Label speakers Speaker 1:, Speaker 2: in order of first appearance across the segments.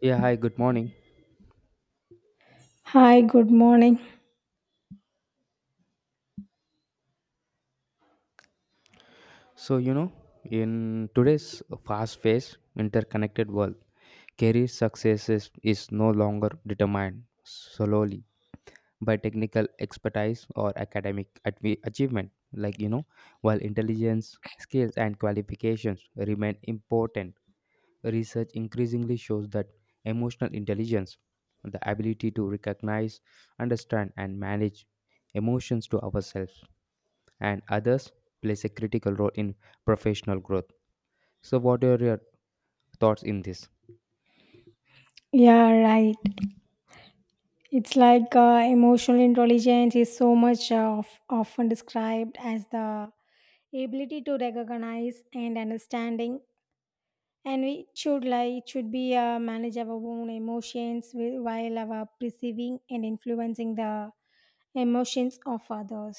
Speaker 1: Yeah, hi, good morning.
Speaker 2: Hi, good morning.
Speaker 1: So, you know, in today's fast paced, interconnected world, career success is no longer determined solely by technical expertise or academic achievement. Like, while intelligence, skills, and qualifications remain important, research increasingly shows that emotional intelligence, the ability to recognize, understand, and manage emotions to ourselves and others, plays a critical role in professional growth. So, what are your thoughts in this?
Speaker 2: Yeah, right. It's like emotional intelligence is so much often described as the ability to recognize and understanding, and we should like it should be manage our own emotions while our perceiving and influencing the emotions of others.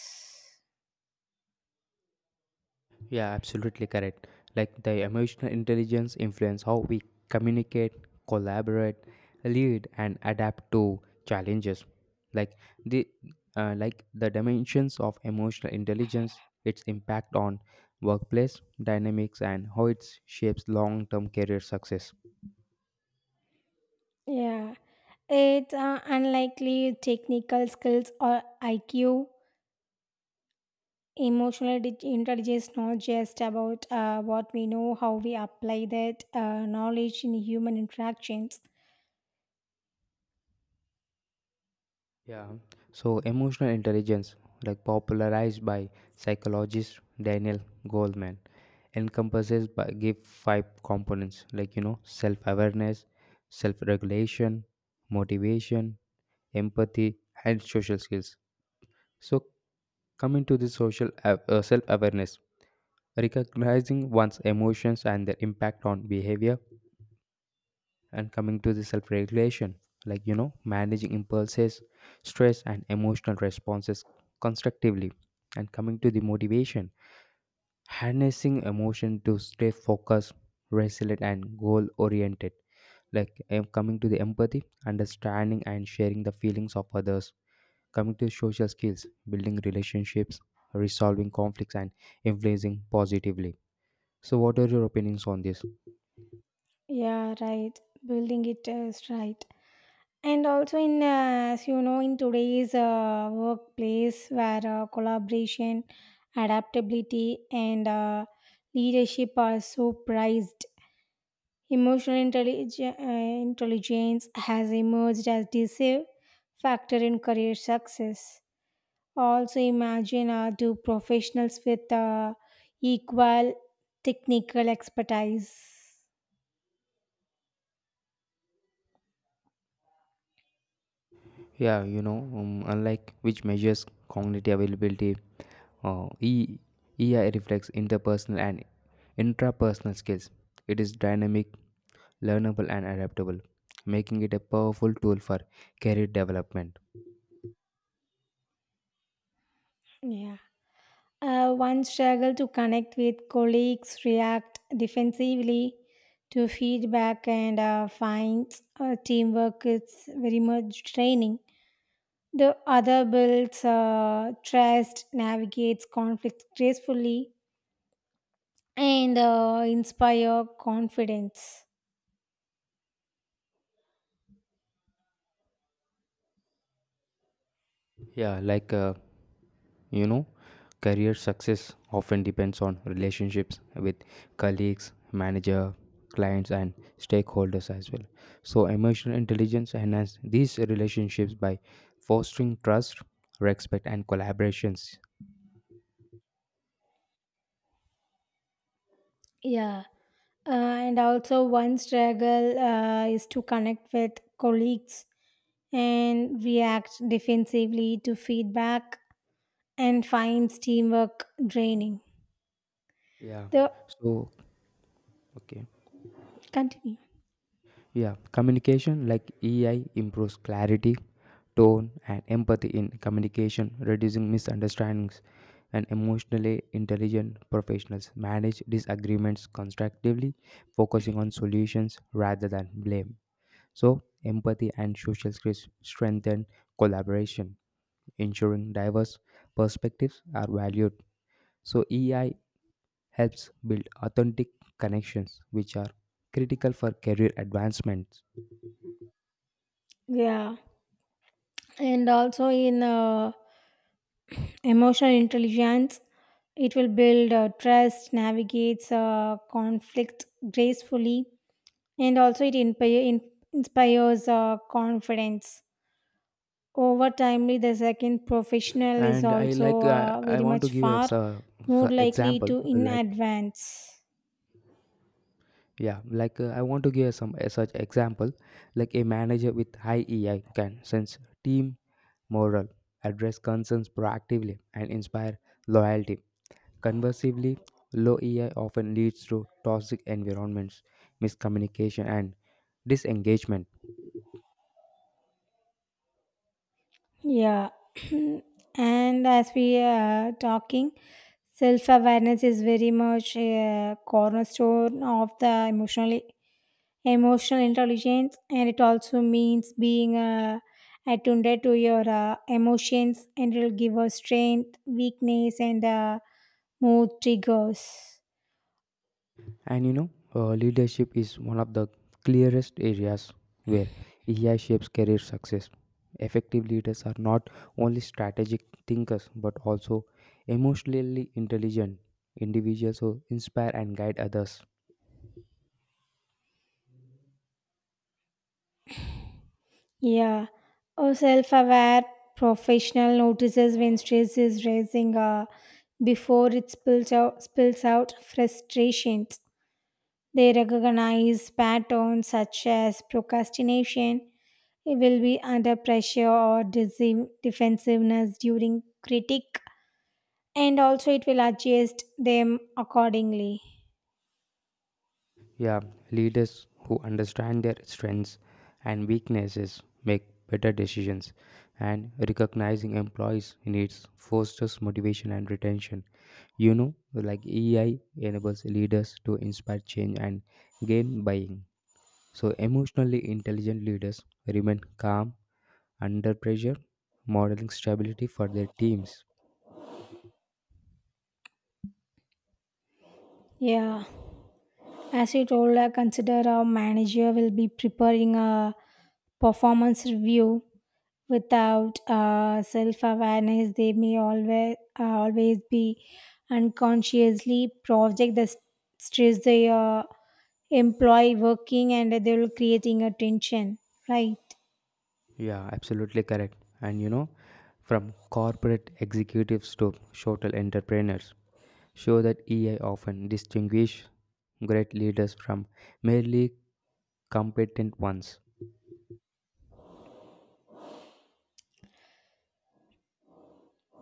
Speaker 1: Yeah, absolutely correct. Like, the emotional intelligence influence how we communicate, collaborate, lead, and adapt to challenges, like the like the dimensions of emotional intelligence, its impact on workplace dynamics, and how it shapes long-term career success.
Speaker 2: Yeah, it's unlikely technical skills or IQ. Emotional intelligence not just about what we know, how we apply that knowledge in human interactions.
Speaker 1: Yeah. So, emotional intelligence, like popularized by psychologist Daniel Goldman, encompasses by give five components, like self-awareness, self-regulation, motivation, empathy, and social skills. So, coming to the self-awareness, recognizing one's emotions and their impact on behavior, and coming to the self regulation, like managing impulses, stress, and emotional responses constructively, and coming to the motivation, harnessing emotion to stay focused, resilient, and goal oriented. Like, coming to the empathy, understanding and sharing the feelings of others. Coming to social skills, building relationships, resolving conflicts, and influencing positively. So, what are your opinions on this?
Speaker 2: Yeah, right. Building it is right. And also as you know, in today's workplace where collaboration, adaptability, and leadership are so prized, emotional intelligence has emerged as decisive factor in career success. Also imagine do professionals with equal technical expertise.
Speaker 1: Yeah, you know, unlike which measures cognitive availability, uh, e- EI reflects interpersonal and intrapersonal skills. It is dynamic, learnable, and adaptable, making it a powerful tool for career development.
Speaker 2: Yeah, one struggle to connect with colleagues, react defensively to feedback, and finds teamwork is very much training. The other builds trust, navigates conflict gracefully, and inspire confidence.
Speaker 1: Yeah, like you know, career success often depends on relationships with colleagues, manager, clients, and stakeholders as well. So, emotional intelligence enhances these relationships by fostering trust, respect, and collaborations.
Speaker 2: Yeah. And also, one struggle is to connect with colleagues and react defensively to feedback and finds teamwork draining.
Speaker 1: Yeah.
Speaker 2: The
Speaker 1: So, okay.
Speaker 2: Continue.
Speaker 1: Yeah, communication, like EI improves clarity, tone, and empathy in communication, reducing misunderstandings. And emotionally intelligent professionals manage disagreements constructively, focusing on solutions rather than blame. So, empathy and social skills strengthen collaboration, ensuring diverse perspectives are valued. So, EI helps build authentic connections, which are critical for career advancement.
Speaker 2: Yeah, and also in emotional intelligence, it will build trust, navigates conflict gracefully, and also it inspires confidence. Over timely, the second professional is
Speaker 1: And I like
Speaker 2: also
Speaker 1: uh, I
Speaker 2: very
Speaker 1: want to
Speaker 2: much
Speaker 1: give a
Speaker 2: far more
Speaker 1: so
Speaker 2: likely
Speaker 1: example,
Speaker 2: to in advance.
Speaker 1: I want to give some a such example, like a manager with high EI can sense team morale, address concerns proactively, and inspire loyalty. Conversely, low EI often leads to toxic environments, miscommunication, and disengagement.
Speaker 2: Yeah, and as we are talking, self awareness is very much a cornerstone of the emotional intelligence, and it also means being attuned to your emotions, and it will give us strength, weakness, and mood triggers.
Speaker 1: And you know, leadership is one of the clearest areas where AI shapes career success. Effective leaders are not only strategic thinkers but also emotionally intelligent individuals who inspire and guide others.
Speaker 2: Yeah, a self aware professional notices when stress is rising before it spills out frustrations. They recognize patterns such as procrastination, it will be under pressure or defensiveness during critique, and also it will adjust them accordingly.
Speaker 1: Yeah, leaders who understand their strengths and weaknesses make better decisions, and recognizing employees' needs fosters motivation and retention. You know, like EI enables leaders to inspire change and gain buy in. So, emotionally intelligent leaders remain calm under pressure, modeling stability for their teams.
Speaker 2: Yeah. As you told, I consider our manager will be preparing a performance review. Without self-awareness, they may always be unconsciously project the stress they employee working, and they will creating a tension. Right?
Speaker 1: Yeah, absolutely correct. And you know, from corporate executives to social entrepreneurs, show that EI often distinguish great leaders from merely competent ones.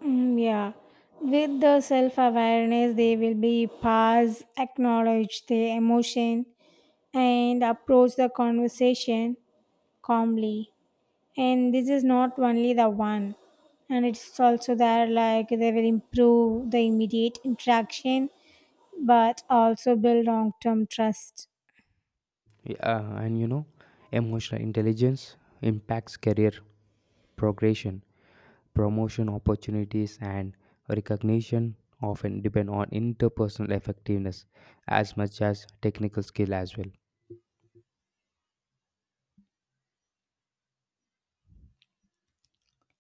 Speaker 2: Mm, yeah. With the self-awareness, they will be pause, acknowledge the emotion, and approach the conversation calmly. And this is not only the one, and it's also there like they will improve the immediate interaction but also build long term trust.
Speaker 1: Yeah, and you know, emotional intelligence impacts career progression. Promotion opportunities and recognition often depend on interpersonal effectiveness as much as technical skill as well.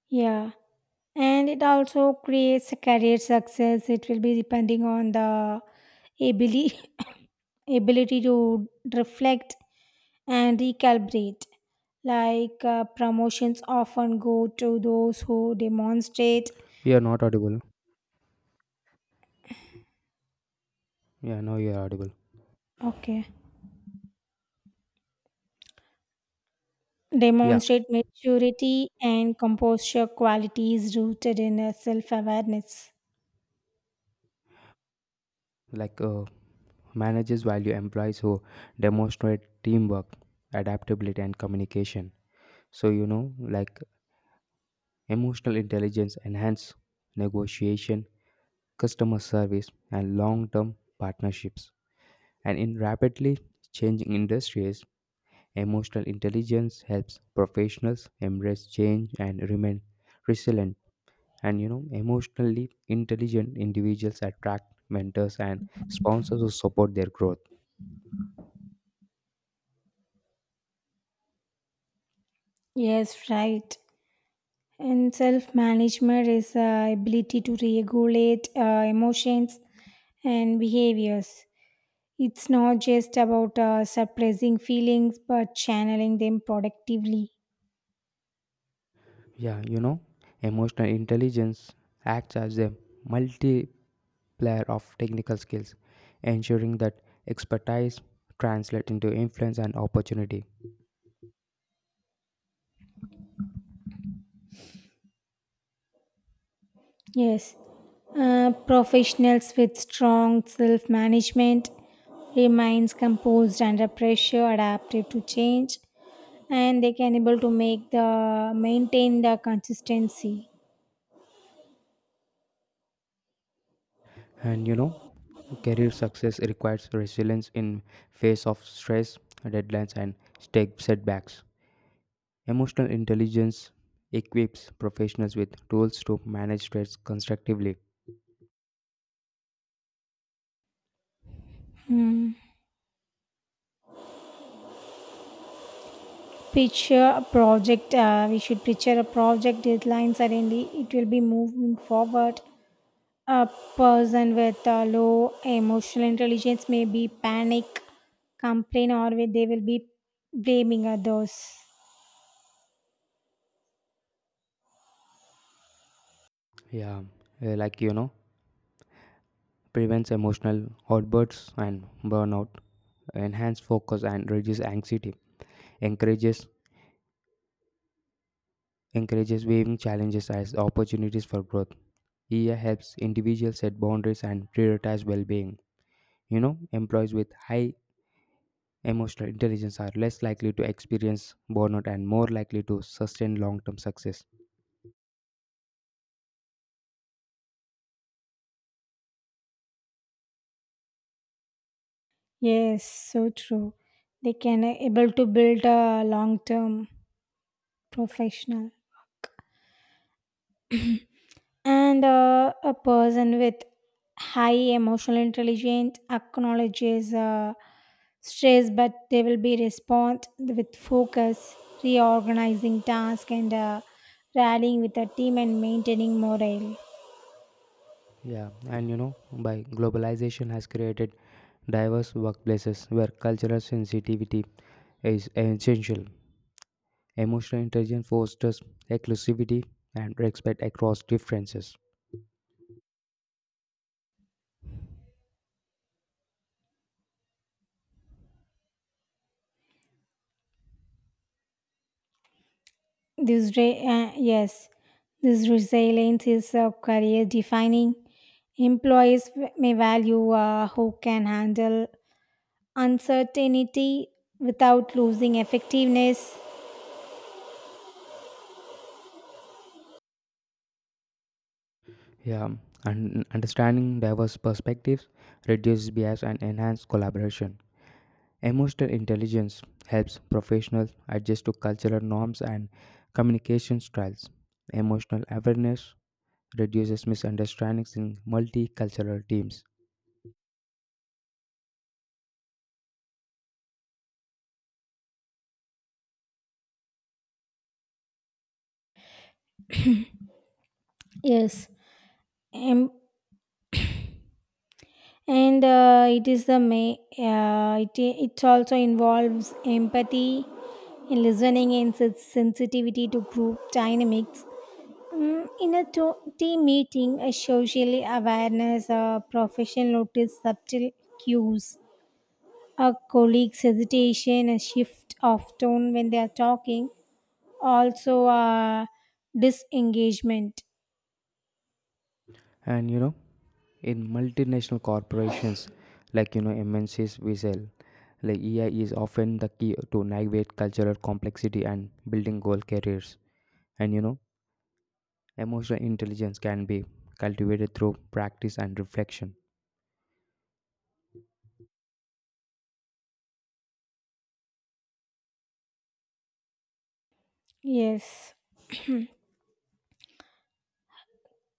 Speaker 2: Yeah. And it also creates a career success. It will be depending on the ability ability to reflect and recalibrate. Like promotions often go to those who demonstrate.
Speaker 1: You are not audible. Yeah, now you are audible.
Speaker 2: Okay.
Speaker 1: Yeah,
Speaker 2: Demonstrate maturity and composure qualities rooted in self-awareness.
Speaker 1: like managers value employees who demonstrate teamwork, adaptability, and communication. So, you know, like emotional intelligence enhance negotiation, customer service, and long term partnerships. And in rapidly changing industries, emotional intelligence helps professionals embrace change and remain resilient. And you know, emotionally intelligent individuals attract mentors and sponsors who support their growth.
Speaker 2: Yes, right. And self-management is ability to regulate emotions and behaviors. It's not just about suppressing feelings but channeling them productively.
Speaker 1: Yeah, you know, emotional intelligence acts as a multiplier of technical skills, ensuring that expertise translates into influence and opportunity.
Speaker 2: Yes, professionals with strong self-management remains composed under pressure, adaptive to change, and they can able to make the maintain the consistency.
Speaker 1: And you know, career success requires resilience in face of stress, deadlines, and stake setbacks. Emotional intelligence equips professionals with tools to manage stress constructively.
Speaker 2: Picture a project uh, we should picture a project deadline suddenly it will be moving forward. A person with low emotional intelligence may be panic, complain, or they will be blaming others.
Speaker 1: Yeah, like you know, prevents emotional outbursts and burnout, enhance focus and reduce anxiety, encourages encourages viewing challenges as opportunities for growth. EA helps individuals set boundaries and prioritize well-being. You know, employees with high emotional intelligence are less likely to experience burnout and more likely to sustain long-term success.
Speaker 2: Yes, so true. They can able to build a long term professional. And a person with high emotional intelligence acknowledges stress, but they will be respond with focus, reorganizing task, and rallying with a team and maintaining morale.
Speaker 1: Yeah, and you know, by globalization has created diverse workplaces where cultural sensitivity is essential. Emotional intelligence fosters inclusivity and respect across differences.
Speaker 2: Yes, this resilience is career defining. Employees may value who can handle uncertainty without losing effectiveness.
Speaker 1: Yeah, and understanding diverse perspectives reduces bias and enhances collaboration. Emotional intelligence helps professionals adjust to cultural norms and communication styles. Emotional awareness reduces misunderstandings in multicultural teams.
Speaker 2: Yes. em- and it is the may It also involves empathy in listening and sensitivity to group dynamics. Mm, in a team meeting, a socially awareness a professional notice subtle cues, a colleague's hesitation, a shift of tone when they are talking, also disengagement.
Speaker 1: And you know, in multinational corporations, like you know MNCs we sell, like EI is often the key to navigate cultural complexity and building goal careers. And you know, emotional intelligence can be cultivated through practice and reflection.
Speaker 2: Yes,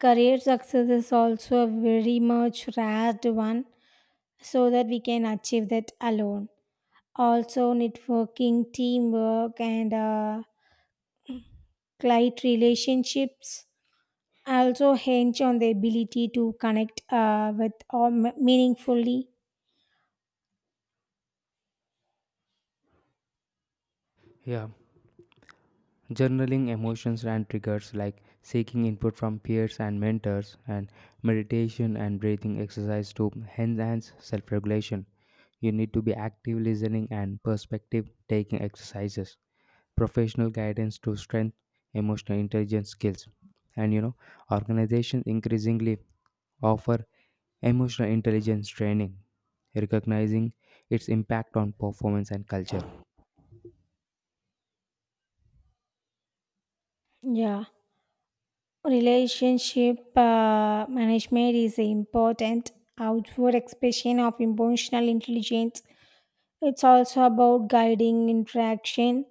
Speaker 2: career success is also a very much rare one so that we can achieve that alone. Also, networking, teamwork, and client relationships also hinge on the ability to connect with or meaningfully.
Speaker 1: Yeah, journaling emotions and triggers, like seeking input from peers and mentors, and meditation and breathing exercise to enhance self regulation. You need to be active listening and perspective taking exercises, professional guidance to strengthen emotional intelligence skills. And you know, organizations increasingly offer emotional intelligence training, recognizing its impact on performance and culture. Uh,
Speaker 2: Yeah, relationship management is important outward expression of emotional intelligence. It's also about guiding interaction,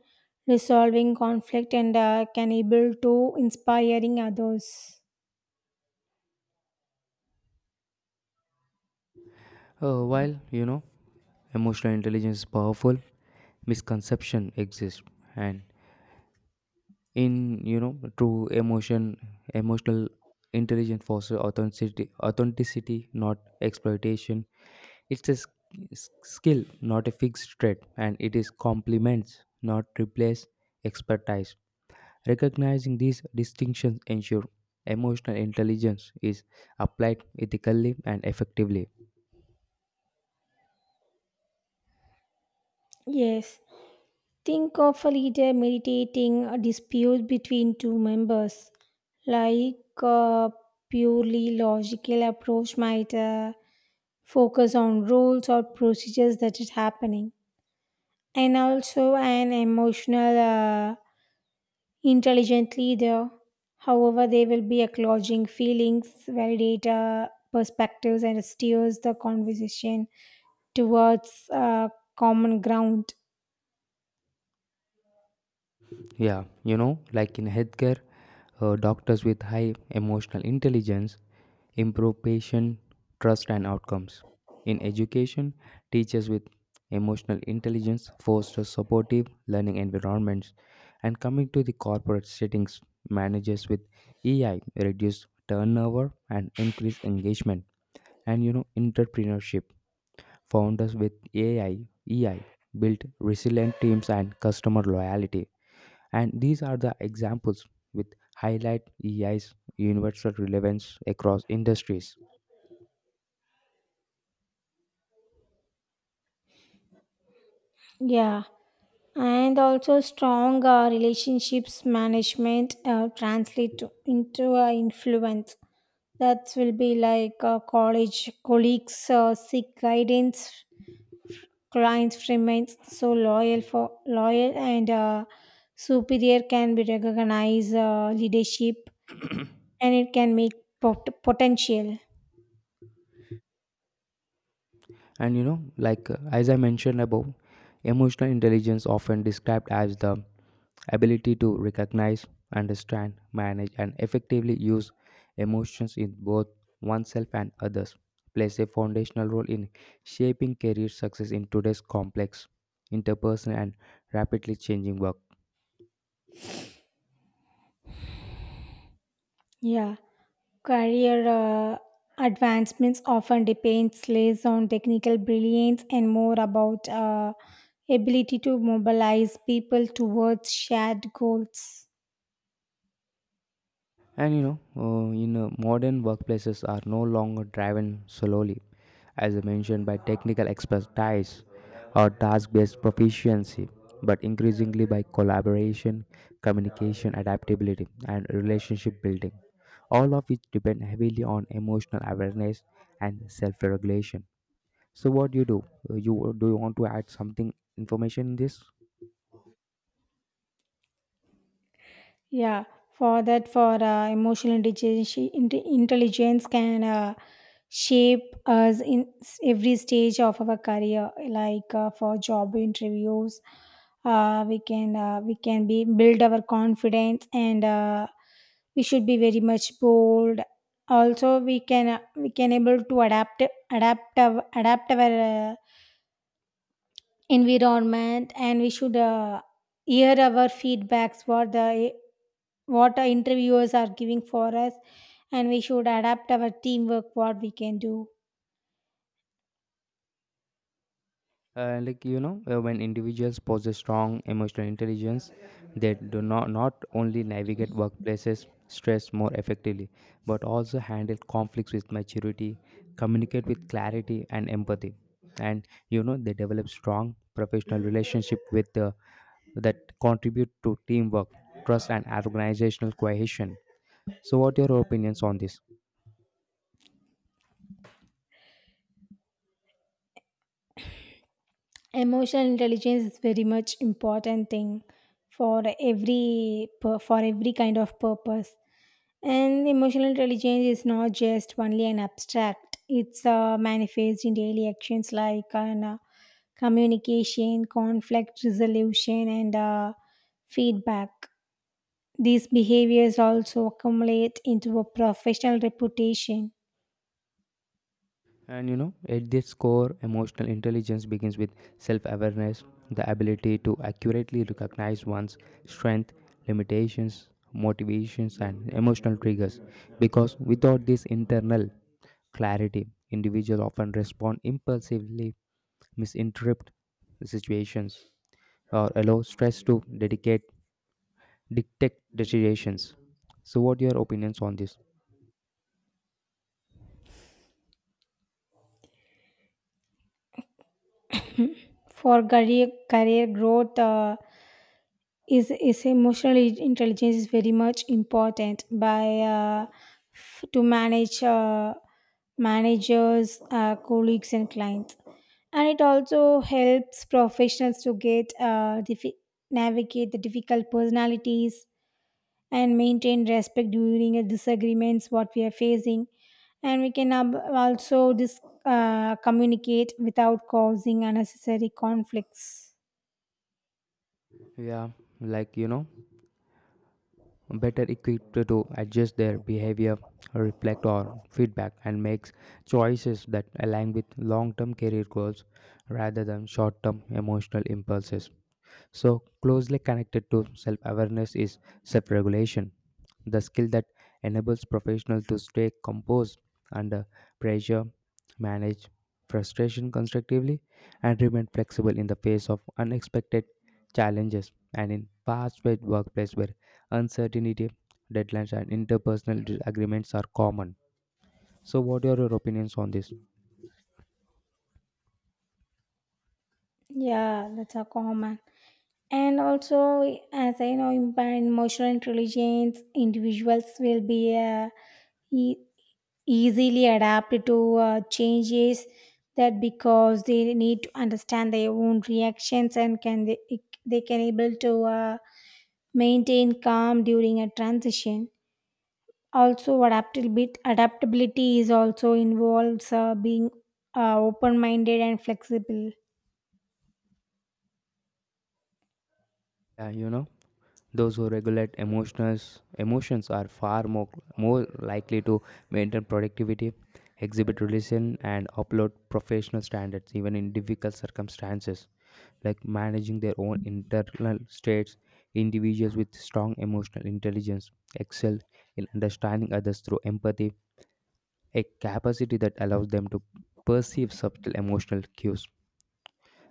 Speaker 2: resolving conflict, and can able to inspiring others.
Speaker 1: while you know emotional intelligence is powerful, misconception exists, and in you know true emotion, emotional intelligence fosters authenticity, not exploitation. It's a skill, not a fixed trait, and it is complements, not replace expertise. Recognizing these distinctions ensure emotional intelligence is applied ethically and effectively.
Speaker 2: Yes. Think of a leader meditating a dispute between two members. Like a purely logical approach might focus on rules or procedures that is happening. And also an emotional, intelligent leader. However, they will be acknowledging feelings, validate perspectives, and steers the conversation towards common ground.
Speaker 1: Yeah, you know, like in healthcare, doctors with high emotional intelligence improve patient trust and outcomes. In education, teachers with emotional intelligence foster supportive learning environments. And coming to the corporate settings, managers with EI reduce turnover and increase engagement. And you know, entrepreneurship, founders with EI build resilient teams and customer loyalty. And these are the examples with highlight EI's universal relevance across industries.
Speaker 2: Yeah, and also strong relationships management translate into influence that will be like college colleagues seek guidance, clients remains so loyal for loyal, and superior can be recognized leadership, and it can make potential.
Speaker 1: And you know, like as I mentioned above, emotional intelligence, often described as the ability to recognize, understand, manage, and effectively use emotions in both oneself and others, plays a foundational role in shaping career success in today's complex, interpersonal, and rapidly changing work.
Speaker 2: Yeah, career advancements often depends less on technical brilliance and more about ability to mobilize people towards shared goals.
Speaker 1: And you know, in modern workplaces are no longer driven solely, as I mentioned, by technical expertise or task-based proficiency, but increasingly by collaboration, communication, adaptability, and relationship building, all of which depend heavily on emotional awareness and self-regulation. So, what do you do? You do you want to add something information in this?
Speaker 2: Yeah, for that, for emotional intelligence, intelligence can shape us in every stage of our career. Like for job interviews, we can be build our confidence, and we should be very much bold. Also, we can able to adapt our environment, and we should hear our feedbacks for the what our interviewers are giving for us, and we should adapt our teamwork what we can do.
Speaker 1: Like, when individuals possess strong emotional intelligence, they do not only navigate workplaces stress more effectively but also handle conflicts with maturity, communicate with clarity and empathy. And you know, they develop strong professional relationship with the that contribute to teamwork, trust, and organizational cohesion. So, what are your opinions on this?
Speaker 2: Emotional intelligence is very much important thing for every for every kind of purpose, and emotional intelligence is not just only an abstract. It's manifest in daily actions like on, communication, conflict resolution, and feedback. These behaviors also accumulate into a professional reputation.
Speaker 1: And you know, at this core, emotional intelligence begins with self awareness, the ability to accurately recognize one's strength, limitations, motivations, and emotional triggers. Because without this internal clarity, individuals often respond impulsively, misinterpret the situations, or allow stress to dedicate detect decisions. So, what are your opinions on this?
Speaker 2: For career growth, is emotional intelligence is very much important by uh, to manage managers, colleagues, and clients, and it also helps professionals to get navigate the difficult personalities and maintain respect during a disagreements what we are facing, and we can also communicate without causing unnecessary conflicts.
Speaker 1: Yeah, like you know, better equipped to adjust their behavior, reflect on feedback, and make choices that align with long term career goals rather than short term emotional impulses. So, closely connected to self awareness is self regulation, the skill that enables professionals to stay composed under pressure, manage frustration constructively, and remain flexible in the face of unexpected challenges. And in fast paced workplace where uncertainty, deadlines, and interpersonal disagreements are common. So, what are your opinions on this?
Speaker 2: Yeah, that's a common. And also, as I know, emotional intelligence individuals will be e- easily adapt to changes, that because they need to understand their own reactions, and they can able to maintain calm during a transition. Also, adaptability is also involves being open minded and flexible.
Speaker 1: You know? Those who regulate emotions are far more likely to maintain productivity, exhibit religion, and upload professional standards even in difficult circumstances. Like managing their own internal states, individuals with strong emotional intelligence excel in understanding others through empathy, a capacity that allows them to perceive subtle emotional cues,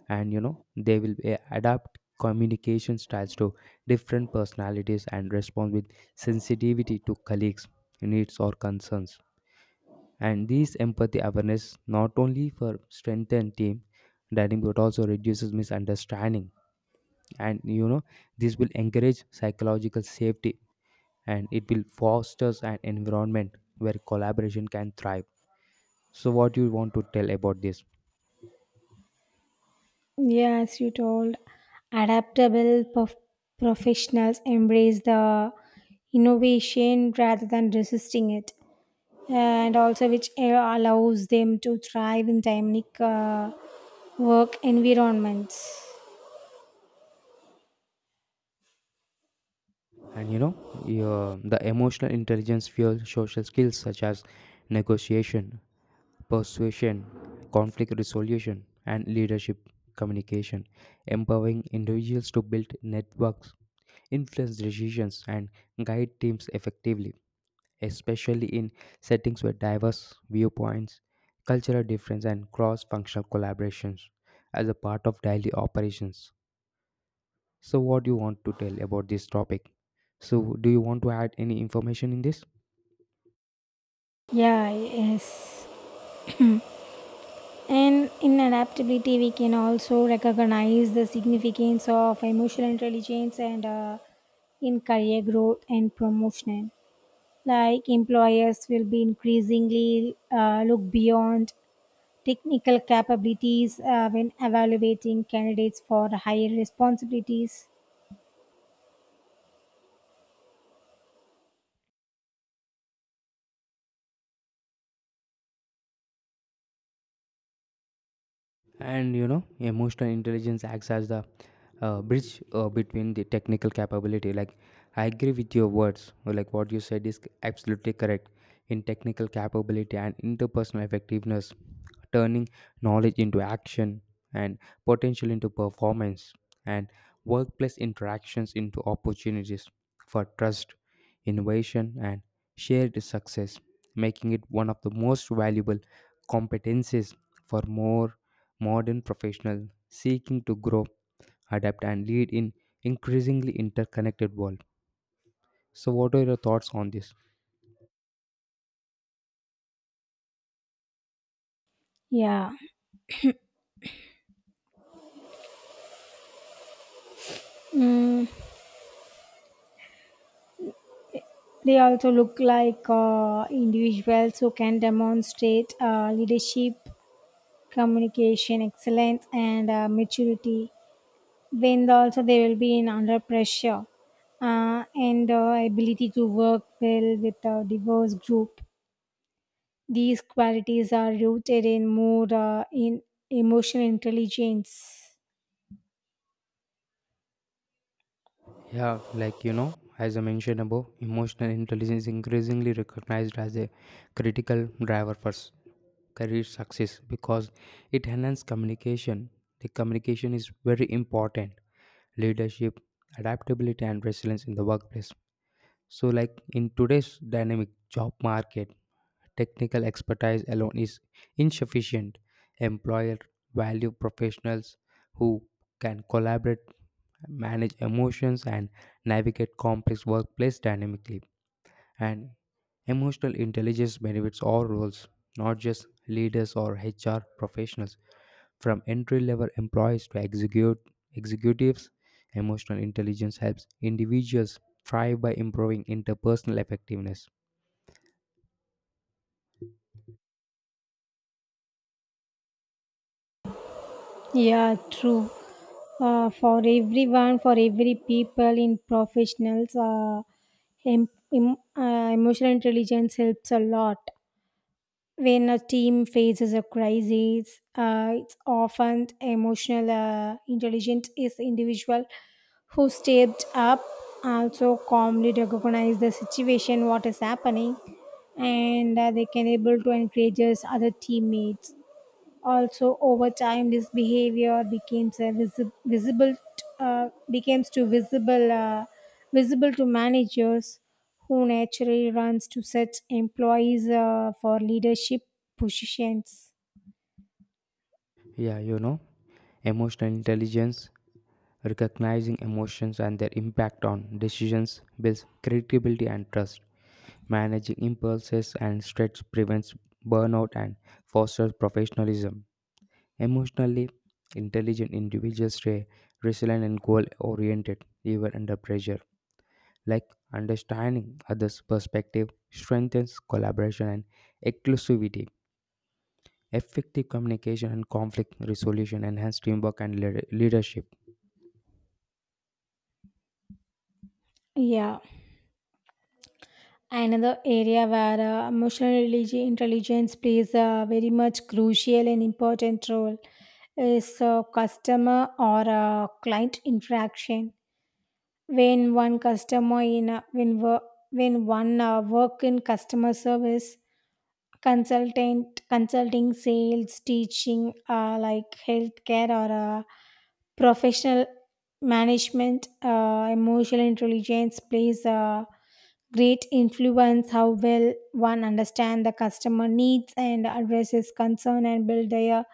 Speaker 1: and you know adapt communication styles to different personalities and respond with sensitivity to colleagues needs or concerns. And these empathy awareness not only for strengthen team dynamic but also reduces misunderstanding. And you know, this will encourage psychological safety and it will fosters an environment where collaboration can thrive. So, what do you want to tell about this?
Speaker 2: Yes, you told adaptable professionals embrace the innovation rather than resisting it, and also which allows them to thrive in dynamic work environments.
Speaker 1: And you know, yeah, the emotional intelligence fuels social skills such as negotiation, persuasion, conflict resolution, and leadership communication, empowering individuals to build networks, influence decisions, and guide teams effectively, especially in settings with diverse viewpoints, cultural difference, and cross functional collaborations as a part of daily operations. So, what do you want to tell about this topic? So, do you want to add any information in this?
Speaker 2: Yeah, yes. And in adaptability, we can also recognize the significance of emotional intelligence and in career growth and promotion. Like employers will be increasingly look beyond technical capabilities when evaluating candidates for higher responsibilities.
Speaker 1: And you know, emotional intelligence acts as the bridge between the technical capability, like I agree with your words, like what you said is absolutely correct in technical capability and interpersonal effectiveness, turning knowledge into action, and potential into performance, and workplace interactions into opportunities for trust, innovation, and shared success, making it one of the most valuable competencies for more modern professionals seeking to grow, adapt, and lead in increasingly interconnected world. So, what are your thoughts on this?
Speaker 2: Yeah. Mm, they also look like individuals who can demonstrate leadership, communication excellence, and maturity when also they will be in under pressure, and ability to work well with a diverse group. These qualities are rooted in more in emotional intelligence.
Speaker 1: Yeah, as I mentioned above, emotional intelligence is increasingly recognized as a critical driver for career success because it enhances communication. The communication is very important, leadership, adaptability, and resilience in the workplace. So, in today's dynamic job market, technical expertise alone is insufficient. Employer value professionals who can collaborate, manage emotions, and navigate complex workplace dynamically. And emotional intelligence benefits all roles, not just leaders or HR professionals. From entry level employees to executives, emotional intelligence helps individuals thrive by improving interpersonal effectiveness.
Speaker 2: Yeah, true. For everyone, for every people in professionals, em- emotional intelligence helps a lot. When a team faces a crisis, it's often emotional intelligent, is the individual who stepped up, also calmly recognize the situation, what is happening, and they can able to encourage other teammates. Also, over time, this behavior became a visible becomes to visible to managers who naturally runs to such employees for leadership positions.
Speaker 1: Yeah, you know, emotional intelligence, recognizing emotions and their impact on decisions builds credibility and trust. Managing impulses and stress prevents burnout and fosters professionalism. Emotionally intelligent individuals stay resilient and goal oriented even under pressure. Like understanding others' perspective strengthens collaboration and inclusivity. Effective communication and conflict resolution enhance teamwork and leadership.
Speaker 2: Yeah, another area where intelligence plays a very much crucial and important role is customer or client interaction. When one customer in a, when wo- when one work in customer service, consultant consulting sales teaching like healthcare or uh, professional management, emotional intelligence plays a great influence how well one understand the customer needs and addresses concern and build their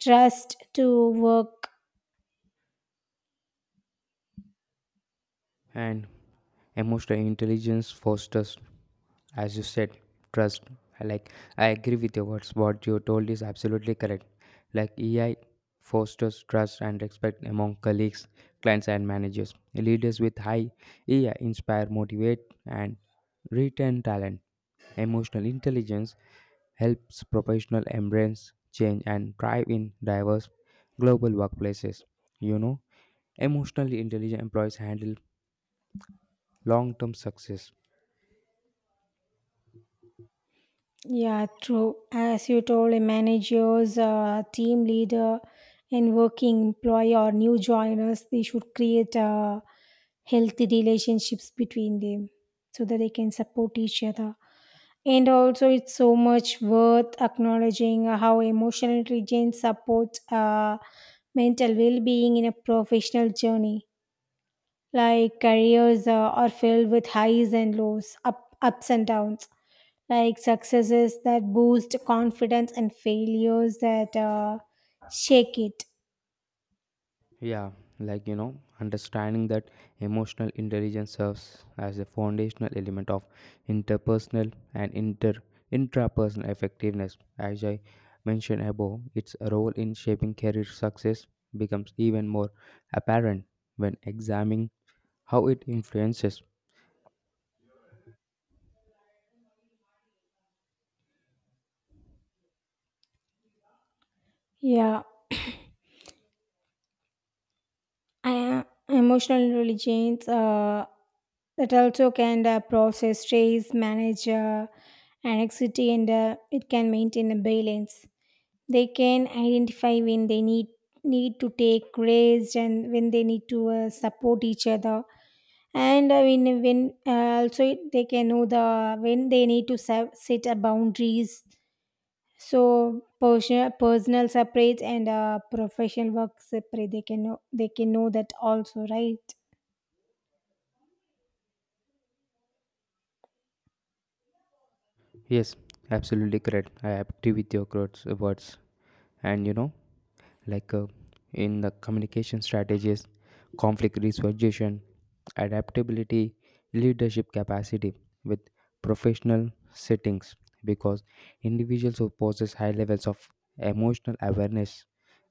Speaker 2: trust to work.
Speaker 1: And emotional intelligence fosters, as you said, trust. I Like I agree with your words. What you told is absolutely correct. Like AI fosters trust and respect among colleagues, clients, and managers. Leaders with high AI inspire, motivate, and retain talent. Emotional intelligence helps professionals embrace change and thrive in diverse global workplaces. You know, emotionally intelligent employees handle long term success.
Speaker 2: Yeah, true. As you told, a managers, team leader, and working employee or new joiners, they should create healthy relationships between them so that they can support each other. And also, it's so much worth acknowledging how emotional intelligence supports mental well-being in a professional journey. Like careers are filled with highs and lows, ups and downs. Like successes that boost confidence and failures that shake it.
Speaker 1: Yeah, like you know understanding that emotional intelligence serves as a foundational element of interpersonal and inter intrapersonal effectiveness. As I mentioned above, its role in shaping career success becomes even more apparent when examining how it influences.
Speaker 2: Yeah, I, emotional intelligence that also can process stress, manage anxiety, and it can maintain a balance. They can identify when they need to take risks and when they need to support each other, and when also it- they can know the when they need to set a boundaries, so personal separate and professional work separate they can know that also, right?
Speaker 1: Yes, absolutely correct. I agree with your words. And you know, like uh, in the communication strategies, conflict resolution, adaptability, leadership capacity with professional settings, because individuals who possess high levels of emotional awareness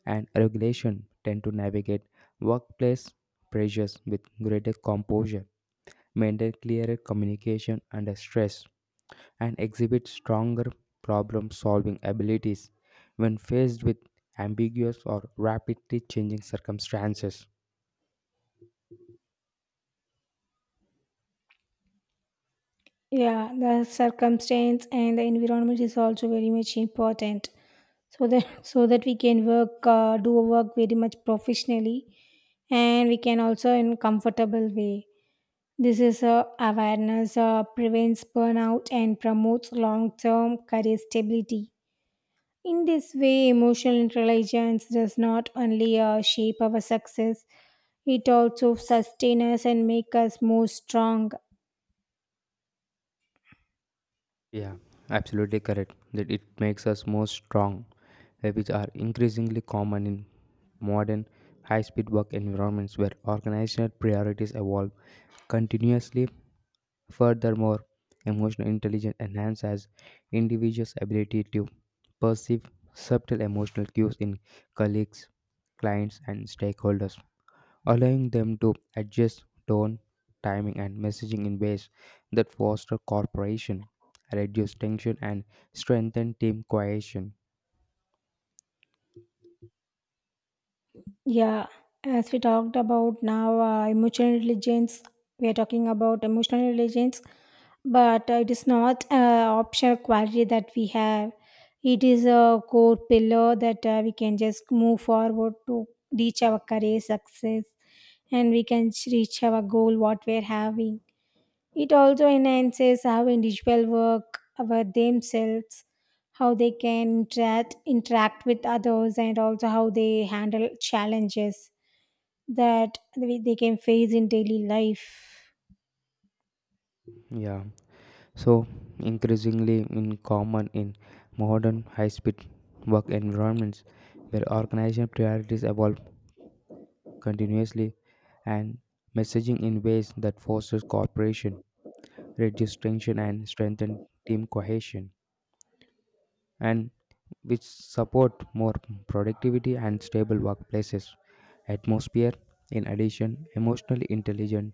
Speaker 1: and regulation tend to navigate workplace pressures with greater composure, maintain clearer communication under stress and exhibit stronger problem solving abilities when faced with ambiguous or rapidly changing circumstances.
Speaker 2: Yeah, the circumstance and the environment is also very much important so that so that we can work do our work very much professionally, and we can also in comfortable way. This is a awareness prevents burnout and promotes long-term career stability. In this way, emotional intelligence does not only shape our success, it also sustains us and makes us more strong.
Speaker 1: Yeah, absolutely correct. That it makes us more strong, which are increasingly common in modern high-speed work environments where organizational priorities evolve continuously. Furthermore, emotional intelligence enhances individuals' ability to perceive subtle emotional cues in colleagues, clients, and stakeholders, allowing them to adjust tone, timing, and messaging in ways that foster cooperation, reduce tension, and strengthen team cohesion.
Speaker 2: Yeah, as we talked about now, emotional intelligence, we are talking about emotional intelligence, but it is not an optional quality that we have. It is a core pillar that we can just move forward to reach our career success, and we can reach our goal, what we're having. It also enhances how individuals work over themselves, how they can interact with others, and also how they handle challenges that they can face in daily life.
Speaker 1: Yeah, so increasingly in common in modern high-speed work environments where organizational priorities evolve continuously, and messaging in ways that fosters cooperation, reduce tension, and strengthen team cohesion, and which support more productivity and stable workplaces atmosphere. In addition, emotionally intelligent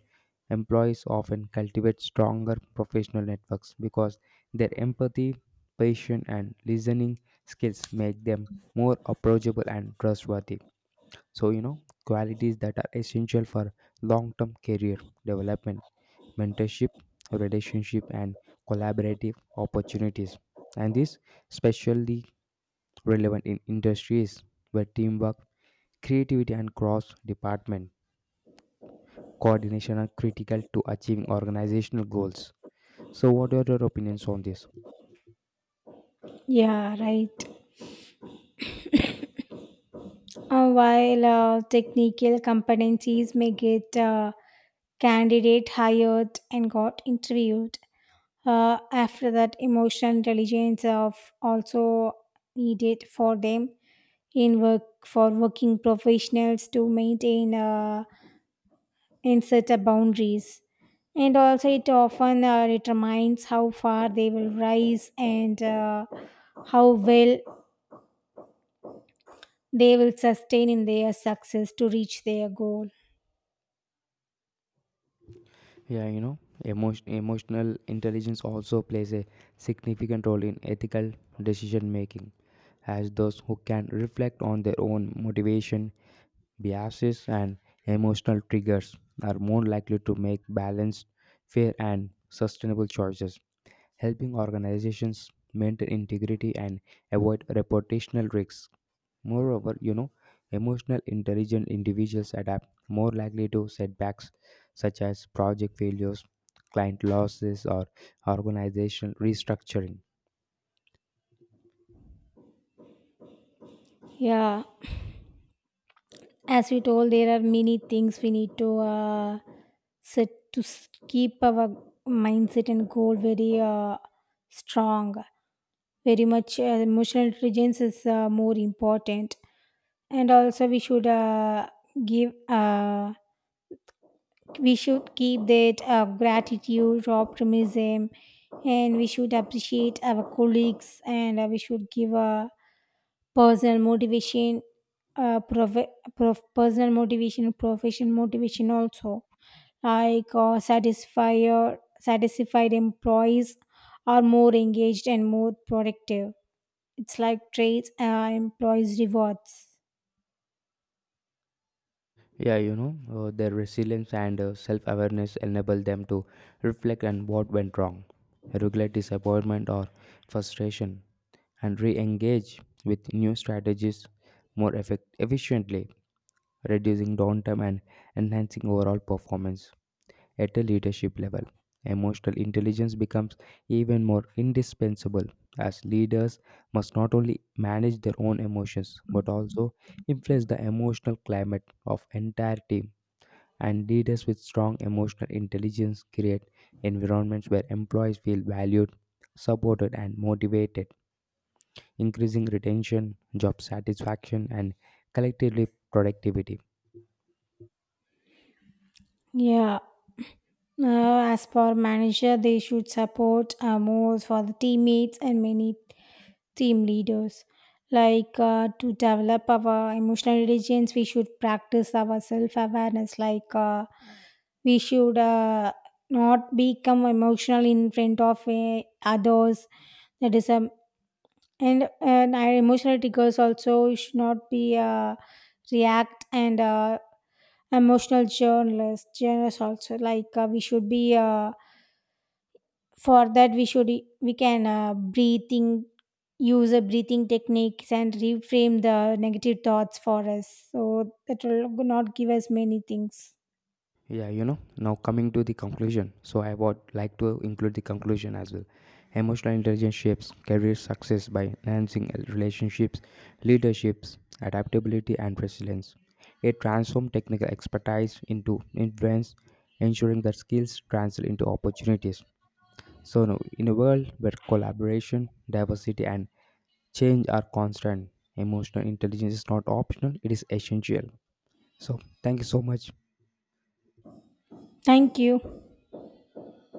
Speaker 1: employees often cultivate stronger professional networks because their empathy, patience, and listening skills make them more approachable and trustworthy. So, you know, qualities that are essential for long term career development, mentorship, relationship, and collaborative opportunities. And this especially relevant in industries where teamwork, creativity, and cross department coordination are critical to achieving organizational goals. So, what are your opinions on this?
Speaker 2: Yeah, right. While technical competencies may get candidate hired and got interviewed, after that, emotional intelligence of also needed for them in work for working professionals to maintain and set a boundaries, and also it often determines how far they will rise and how well they will sustain in their success to reach their goal.
Speaker 1: Yeah, you know, emotional intelligence also plays a significant role in ethical decision making, as those who can reflect on their own motivation, biases, and emotional triggers are more likely to make balanced, fair, and sustainable choices, helping organizations maintain integrity and avoid reputational risks. Moreover, you know, emotional intelligent individuals adapt more likely to setbacks such as project failures, client losses, or organizational restructuring.
Speaker 2: Yeah, as we told, there are many things we need to set to keep our mindset and goal very strong. Very much emotional intelligence is more important, and also we should give we should keep that gratitude optimism, and we should appreciate our colleagues, and we should give a personal motivation, uh, prof- personal motivation professional motivation also. Like satisfier satisfied employees are more engaged and more productive. It's like trades employees rewards.
Speaker 1: Yeah, you know, their resilience and self awareness enable them to reflect on what went wrong, regulate disappointment or frustration, and re engage with new strategies more efficiently, reducing downtime and enhancing overall performance. At a leadership level, emotional intelligence becomes even more indispensable, as leaders must not only manage their own emotions but also influence the emotional climate of entire team, and leaders with strong emotional intelligence create environments where employees feel valued, supported, and motivated, increasing retention, job satisfaction, and collectively productivity.
Speaker 2: Yeah. As for manager, they should support more for the teammates and many team leaders. Like to develop our emotional intelligence, we should practice our self awareness. Like we should not become emotional in front of others. That is. And our emotional triggers also should not be react, and emotional journalist. Journalists also like we should be. For that we can breathing use a breathing techniques and reframe the negative thoughts for us so that will not give us many things.
Speaker 1: Yeah, you know, now coming to the conclusion, so I would like to include the conclusion as well. Emotional intelligence shapes career success by enhancing relationships, leaderships, adaptability, and resilience. It transforms technical expertise into influence, ensuring that skills translate into opportunities. So, now, in a world where collaboration, diversity, and change are constant, emotional intelligence is not optional, it is essential. So, thank you so much.
Speaker 2: Thank you.